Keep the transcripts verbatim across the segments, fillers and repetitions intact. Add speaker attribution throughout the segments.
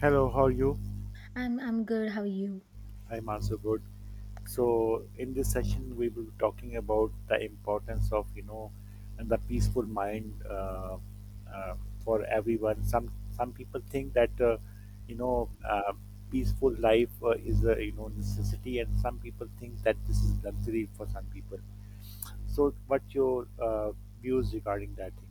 Speaker 1: Hello, how are you?
Speaker 2: I'm I'm good. How are you?
Speaker 1: I'm also good. So, in this session, we will be talking about the importance of you know, and the peaceful mind uh, uh, for everyone. Some some people think that uh, you know, uh, peaceful life uh, is a you know necessity, and some people think that this is luxury for some people. So, what your uh, views regarding that thing?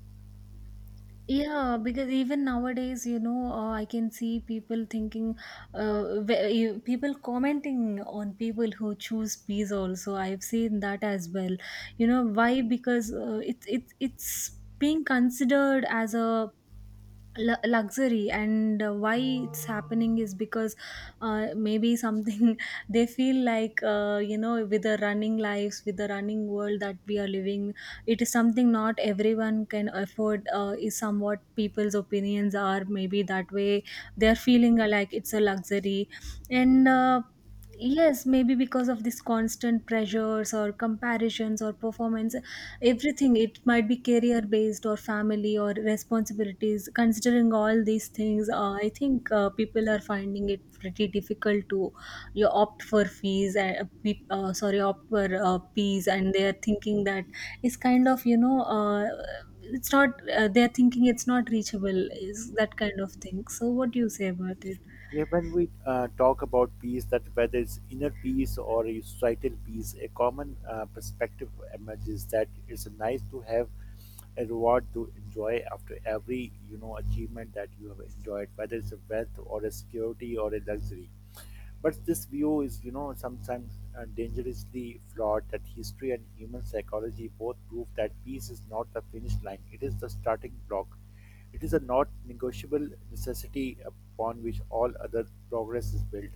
Speaker 2: Yeah, because even nowadays, you know, uh, I can see people thinking, uh, wh- you- people commenting on people who choose peace. Also, I've seen that as well. You know why? Because uh, it's it's it's being considered as a lu- luxury, and uh, why it's happening is because uh, maybe something they feel like, uh, you know, with the running lives, with the running world that we are living, it is something not everyone can afford, uh, is somewhat people's opinions are maybe that way. They are feeling like it's a luxury. And uh, yes, maybe because of this constant pressures or comparisons or performance, everything, it might be career based or family or responsibilities. Considering all these things, uh, I think uh, people are finding it pretty difficult to you opt for fees, and uh, pe- uh, sorry, opt for uh, fees, and they are thinking that it's kind of, you know uh, it's not, uh, they're thinking it's not reachable, is that kind of thing. So what do you say about it?
Speaker 1: Yeah, when we uh, talk about peace, that whether it's inner peace or a societal peace, a common uh, perspective emerges that it's nice to have a reward to enjoy after every you know achievement that you have enjoyed, whether it's a wealth or a security or a luxury. But this view is, you know, sometimes uh, dangerously flawed that history and human psychology both prove that peace is not the finish line, it is the starting block. It is a not negotiable necessity upon which all other progress is built.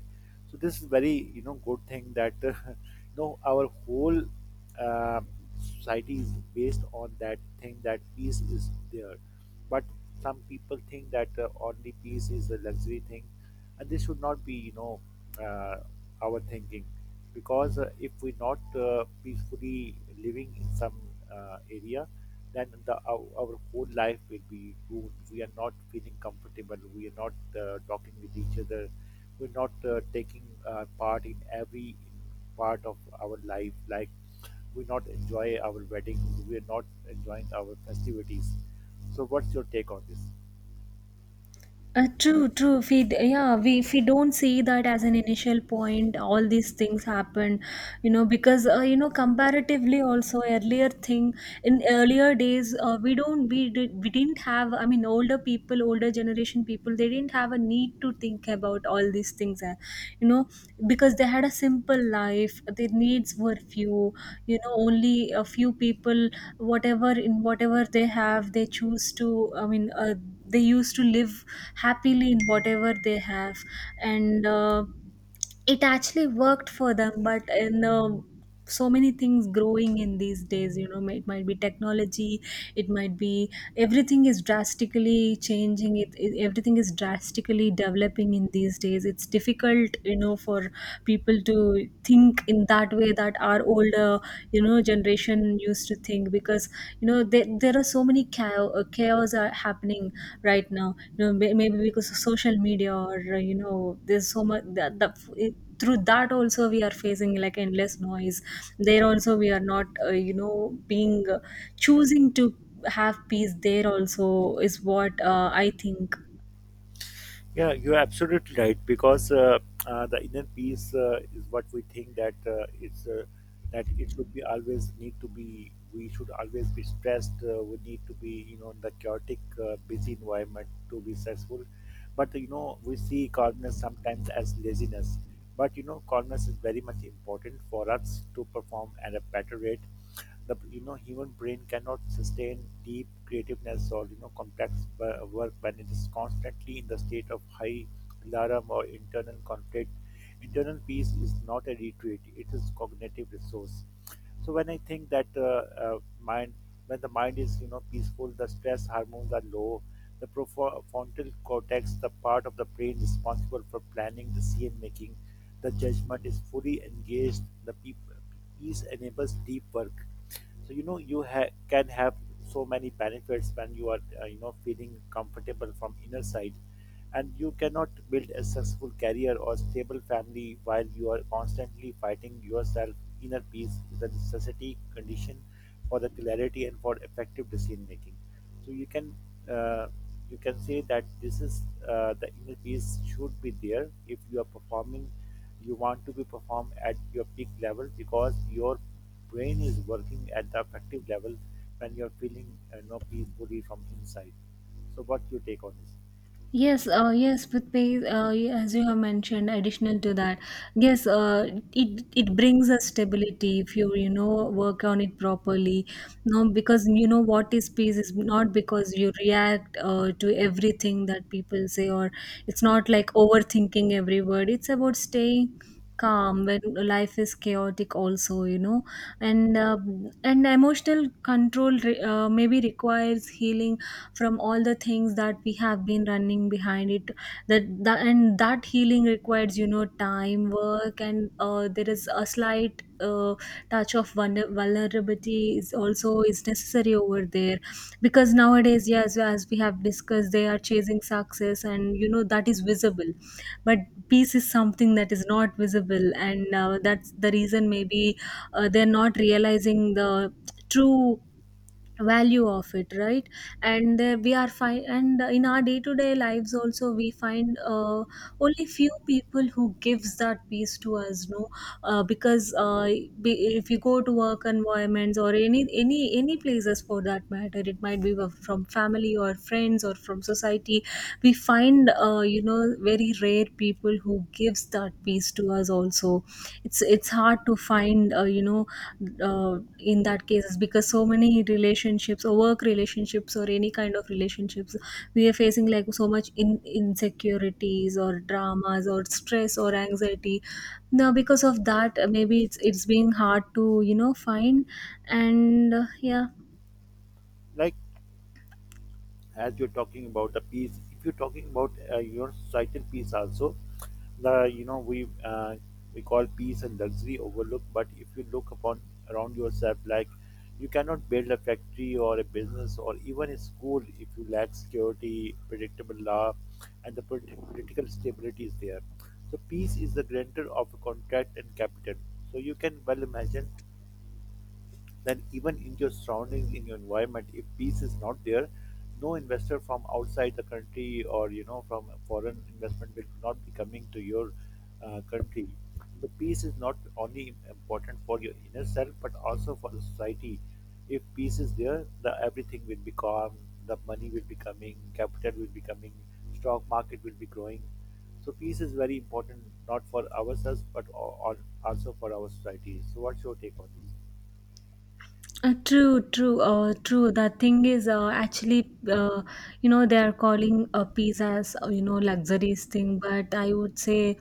Speaker 1: So this is very, you know, good thing that, you know, our whole uh, society is based on that thing that peace is there, but some people think that uh, only peace is a luxury thing, and this should not be you know uh, our thinking, because uh, if we're not uh, peacefully living in some uh, area, then the, our, our whole life will be ruined. We are not feeling comfortable, we are not uh, talking with each other, we're not uh, taking uh, part in every part of our life, like we not enjoy our wedding, we're not enjoying our festivities. So what's your take on this?
Speaker 2: Uh, true, true. If we, d- yeah, we, if we don't see that as an initial point, all these things happen, you know, because, uh, you know, comparatively also, earlier thing, in earlier days, uh, we don't we did we didn't have. I mean, older people, older generation people, they didn't have a need to think about all these things, uh, you know, because they had a simple life. Their needs were few, you know, only a few people, whatever, in whatever they have they choose to, I mean, uh, they used to live happily in whatever they have. And uh, it actually worked for them. But in, uh, so many things growing in these days, you know, it might be technology, it might be, everything is drastically changing, it, it everything is drastically developing in these days. It's difficult, you know, for people to think in that way that our older, you know, generation used to think, because, you know, there, there are so many chaos, uh, chaos are happening right now, you know, may- maybe because of social media, or, uh, you know, there's so much, that, that it- through that also we are facing like endless noise. There also we are not, uh, you know, being, uh, choosing to have peace there also, is what, uh, I think.
Speaker 1: Yeah, you're absolutely right, because uh, uh, the inner peace uh, is what we think that uh, it's uh, that it should be always need to be, we should always be stressed. Uh, we need to be you know in the chaotic, uh, busy environment to be successful. But you know we see calmness sometimes as laziness. But you know calmness is very much important for us to perform at a better rate. The you know human brain cannot sustain deep creativeness or you know complex wo- work when it is constantly in the state of high alarm or internal conflict. Internal peace is not a retreat, it is cognitive resource. So when I think that uh, uh, mind when the mind is you know peaceful, the stress hormones are low, the profo- frontal cortex, the part of the brain responsible for planning, decision making, the judgment is fully engaged. The peop- peace enables deep work. So you know you ha- can have so many benefits when you are uh, you know feeling comfortable from inner side, and you cannot build a successful career or stable family while you are constantly fighting yourself. Inner peace is a necessity condition for the clarity and for effective decision making. So you can uh, you can say that this is uh, the inner peace should be there if you are performing. You want to be performed at your peak level because your brain is working at the affective level when you're feeling uh, you know peacefully from inside. So what's you take on this?
Speaker 2: Yes, uh, yes, with pay, uh, y- as you have mentioned, additional to that, yes, uh, it it brings a stability if you, you know, work on it properly. No, because, you know, what is peace is not because you react, uh, to everything that people say, or it's not like overthinking every word. It's about staying calm when life is chaotic also, you know. And uh, and emotional control, re- uh, maybe requires healing from all the things that we have been running behind it, that, that and that healing requires, you know, time, work, and uh, there is a slight, uh, touch of vulner- vulnerability is also is necessary over there. Because nowadays, yes, as we have discussed, they are chasing success, and you know that is visible. But peace is something that is not visible, and uh, that's the reason, maybe, uh, they're not realizing the true value of it, right? And uh, we are fine, and uh, in our day to day lives also, we find, uh, only few people who gives that peace to us, no. uh, because uh, be, if you go to work environments or any any any places for that matter, it might be, wa- from family or friends or from society, we find, uh, you know, very rare people who gives that peace to us also. It's it's hard to find, uh, you know, uh, in that case, is because so many relationships or work relationships or any kind of relationships, we are facing like so much in insecurities or dramas or stress or anxiety now. Because of that, uh, maybe it's it's being hard to, you know, find. And uh, yeah.
Speaker 1: Like, as you're talking about the peace, if you're talking about uh, your societal peace also, the you know we uh, we call peace and luxury overlook. But if you look upon around yourself, like, you cannot build a factory or a business or even a school if you lack security, predictable law, and the polit- political stability is there. So peace is the grantor of a contract and capital. So you can well imagine then even in your surroundings, in your environment, if peace is not there, no investor from outside the country or you know from a foreign investment will not be coming to your uh, country. The peace is not only important for your inner self but also for the society. If peace is there, the everything will be calm. The money will be coming, capital will be coming, stock market will be growing. So peace is very important, not for ourselves but al- al- also for our society. So what's your take on this?
Speaker 2: Uh, true, true, uh, true. The thing is, uh, actually, uh, you know, they are calling uh, peace as, uh, you know, luxurious thing, but I would say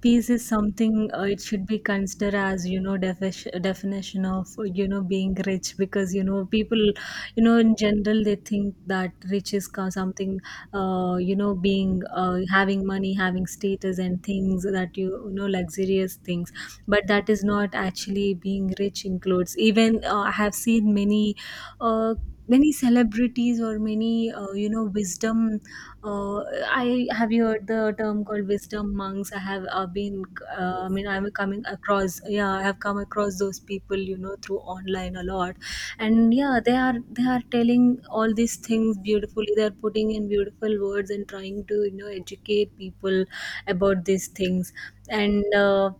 Speaker 2: peace is something, uh, it should be considered as, you know, defi- definition of, you know, being rich. Because, you know, people, you know, in general, they think that rich is co- something, uh, you know, being, uh, having money, having status and things that you, you know, luxurious things. But that is not, actually being rich includes, even uh, I have seen many, uh, many celebrities or many, uh, you know, wisdom, uh, I have, you heard the term called wisdom monks? I have, uh, been, uh, I
Speaker 1: Yes.
Speaker 2: mean, I'm coming across, yeah, I have come across those people, you know, through online, a lot. And yeah, they are they are telling all these things beautifully. They are putting in beautiful words and trying to, you know, educate people about these things. And uh,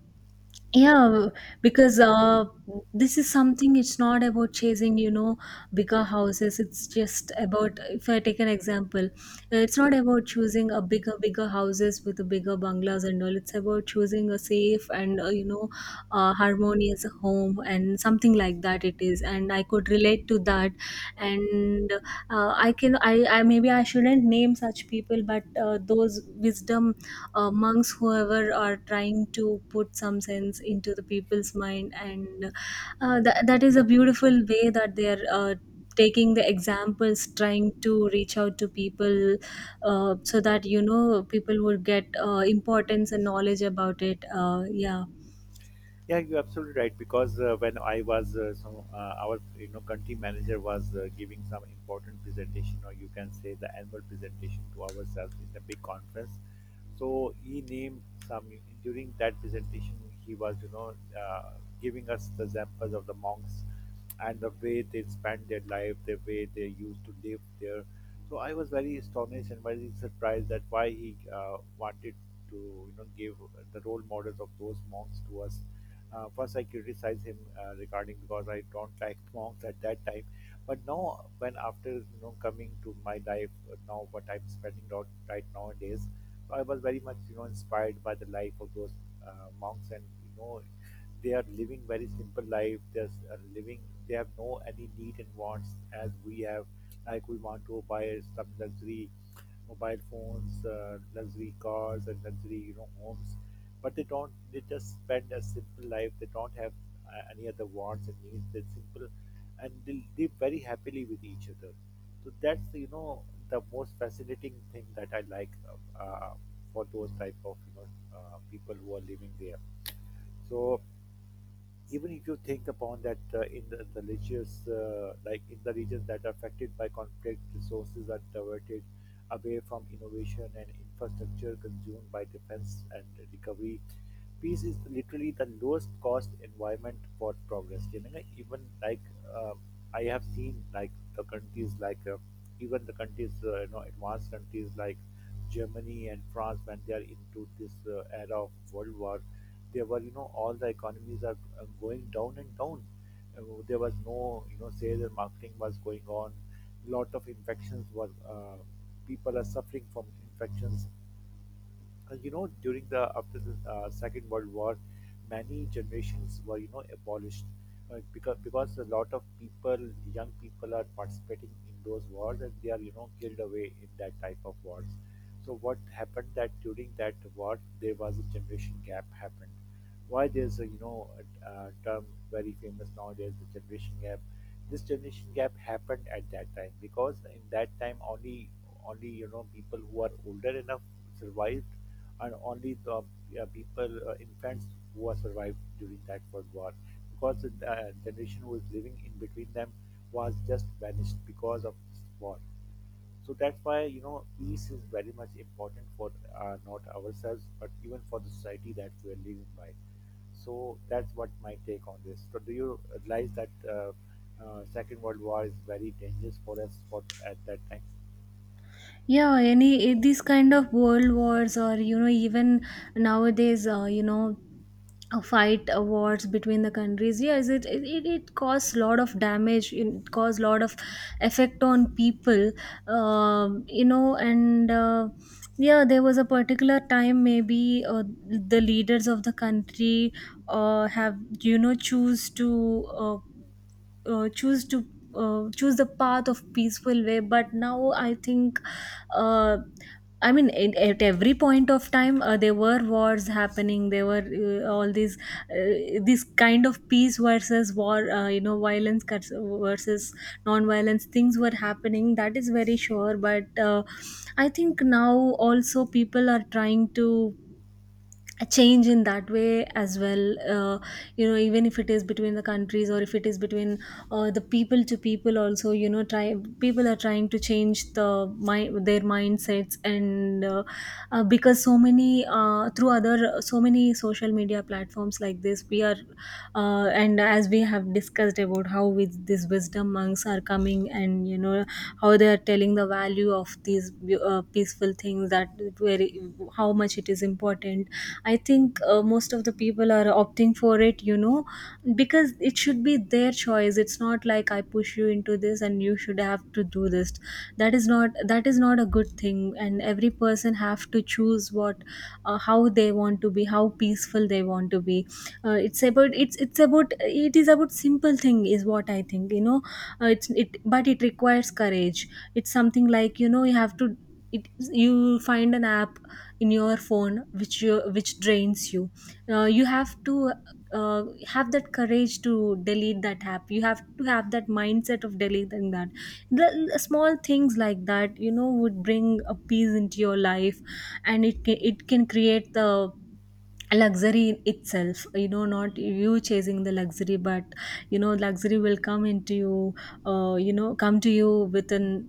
Speaker 2: yeah, because uh, this is something, it's not about chasing, you know, bigger houses. It's just about, if I take an example, uh, it's not about choosing a bigger, bigger houses with a bigger bungalows and all. It's about choosing a safe and, uh, you know, uh, harmonious home and something like that, it is. And I could relate to that. And uh, I can, I, I, maybe I shouldn't name such people, but uh, those wisdom, uh, monks, whoever are trying to put some sense into the people's mind, and uh, that, that is a beautiful way that they are, uh, taking the examples, trying to reach out to people, uh, so that, you know, people would get, uh, importance and knowledge about it. Uh, yeah.
Speaker 1: Yeah, you're absolutely right. Because uh, when I was uh, some, uh, our you know country manager was uh, giving some important presentation, or you can say the annual presentation to ourselves in the big conference, so he named some during that presentation. He was, you know, uh, giving us the examples of the monks and the way they spend their life, the way they used to live there. So I was very astonished and very surprised that why he uh, wanted to, you know, give the role models of those monks to us. Uh, first, I criticized him uh, regarding, because I don't like monks at that time. But now, when after you know coming to my life, uh, now what I'm spending out right nowadays, so, I was very much, you know, inspired by the life of those uh, monks, and you know, they are living very simple life. They're uh, living. They have no any need and wants as we have. Like we want to buy some luxury mobile phones, uh, luxury cars, and luxury, you know, homes, but they don't, they just spend a simple life. They don't have uh, any other wants and needs, they're simple and they live very happily with each other. So that's you know the most fascinating thing that I like uh, uh, for those type of you know uh, people who are living there. So even if you think upon that uh, in the, the religious uh, like in the regions that are affected by conflict, resources are diverted away from innovation and infrastructure, consumed by defense and recovery. Peace is literally the lowest cost environment for progress. You know, even like uh, I have seen like the countries like uh, even the countries, uh, you know advanced countries like Germany and France, when they are into this uh, era of world war, there were, you know, all the economies are uh, going down and down. Uh, there was no, you know, sales and marketing was going on. Lot of infections were. Uh, people are suffering from infections. And you know, during the after the uh, Second World War, many generations were, you know, abolished uh, because because a lot of people, young people, are participating in those wars, and they are, you know, killed away in that type of wars. So what happened that during that war there was a generation gap happened. Why there's a you know a, a term very famous nowadays, the generation gap. This generation gap happened at that time because in that time only, only you know people who are older enough survived, and only the uh, people uh, infants who are survived during that world war, because the uh, generation who was living in between them was just vanished because of this war. So that's why you know peace is very much important for uh, not ourselves but even for the society that we are living by. So that's what my take on this. So do you realize that uh, uh, second world war is very dangerous for us for at that time?
Speaker 2: Yeah, any these kind of world wars, or, you know, even nowadays, uh, you know, uh, fight, uh, wars between the countries, yes, it it, it it caused a lot of damage, it caused a lot of effect on people. Um, you know, and uh, yeah, there was a particular time, maybe, uh, the leaders of the country, uh, have, you know, choose to, uh, uh, choose to uh, choose the path of peaceful way. But now I think, uh, I mean, at, at every point of time, uh, there were wars happening. There were, uh, all these, uh, this kind of peace versus war, uh, you know, violence cuts- versus non-violence. Things were happening. That is very sure. But uh, I think now also people are trying to a change in that way as well. uh, you know, even if it is between the countries or if it is between, uh, the people to people also, you know, try, people are trying to change the my their mindsets, and uh, uh, because so many, uh, through other so many social media platforms like this, we are, uh, and as we have discussed about how with these wisdom monks are coming, and you know how they are telling the value of these, uh, peaceful things, that very, how much it is important, I think uh, most of the people are opting for it, you know. Because it should be their choice, it's not like I push you into this and you should have to do this. That is not, that is not a good thing. And every person have to choose what, uh, how they want to be, how peaceful they want to be. Uh, it's about, it's it's about it is about simple thing, is what I think, you know. Uh, it's it But it requires courage. It's something like, you know, you have to, it, you find an app in your phone which you, which drains you, uh, you have to, uh, have that courage to delete that app. You have to have that mindset of deleting that, the the small things like that, you know, would bring a peace into your life. And it can, it can create the luxury in itself, you know, not you chasing the luxury, but you know, luxury will come into you, uh, you know, come to you within,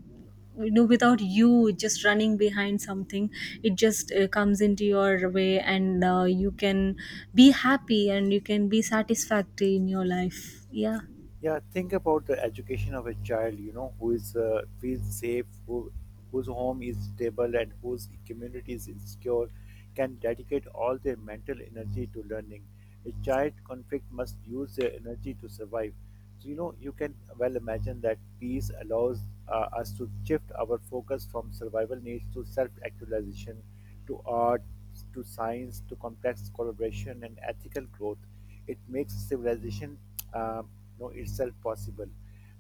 Speaker 2: you know, without you just running behind something. It just, uh, comes into your way, and uh, you can be happy and you can be satisfactory in your life. Yeah,
Speaker 1: Yeah, think about the education of a child, you know, who is uh, feels safe, who whose home is stable and whose community is secure, can dedicate all their mental energy to learning. A child conflict must use their energy to survive. So you know, you can well imagine that peace allows uh, us to shift our focus from survival needs to self-actualization, to art, to science, to complex collaboration and ethical growth. It makes civilization um, you know itself possible.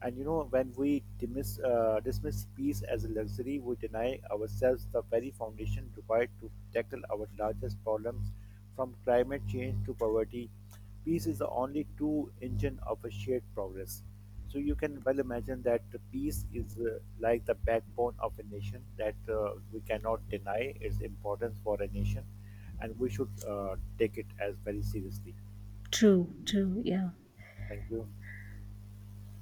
Speaker 1: And you know when we dismiss, uh, dismiss peace as a luxury, we deny ourselves the very foundation required to tackle our largest problems, from climate change to poverty. Peace is the only true engine of a shared progress. So you can well imagine that the peace is uh, like the backbone of a nation, that uh, we cannot deny its importance for a nation, and we should uh, take it as very seriously.
Speaker 2: true, true, yeah.
Speaker 1: Thank you.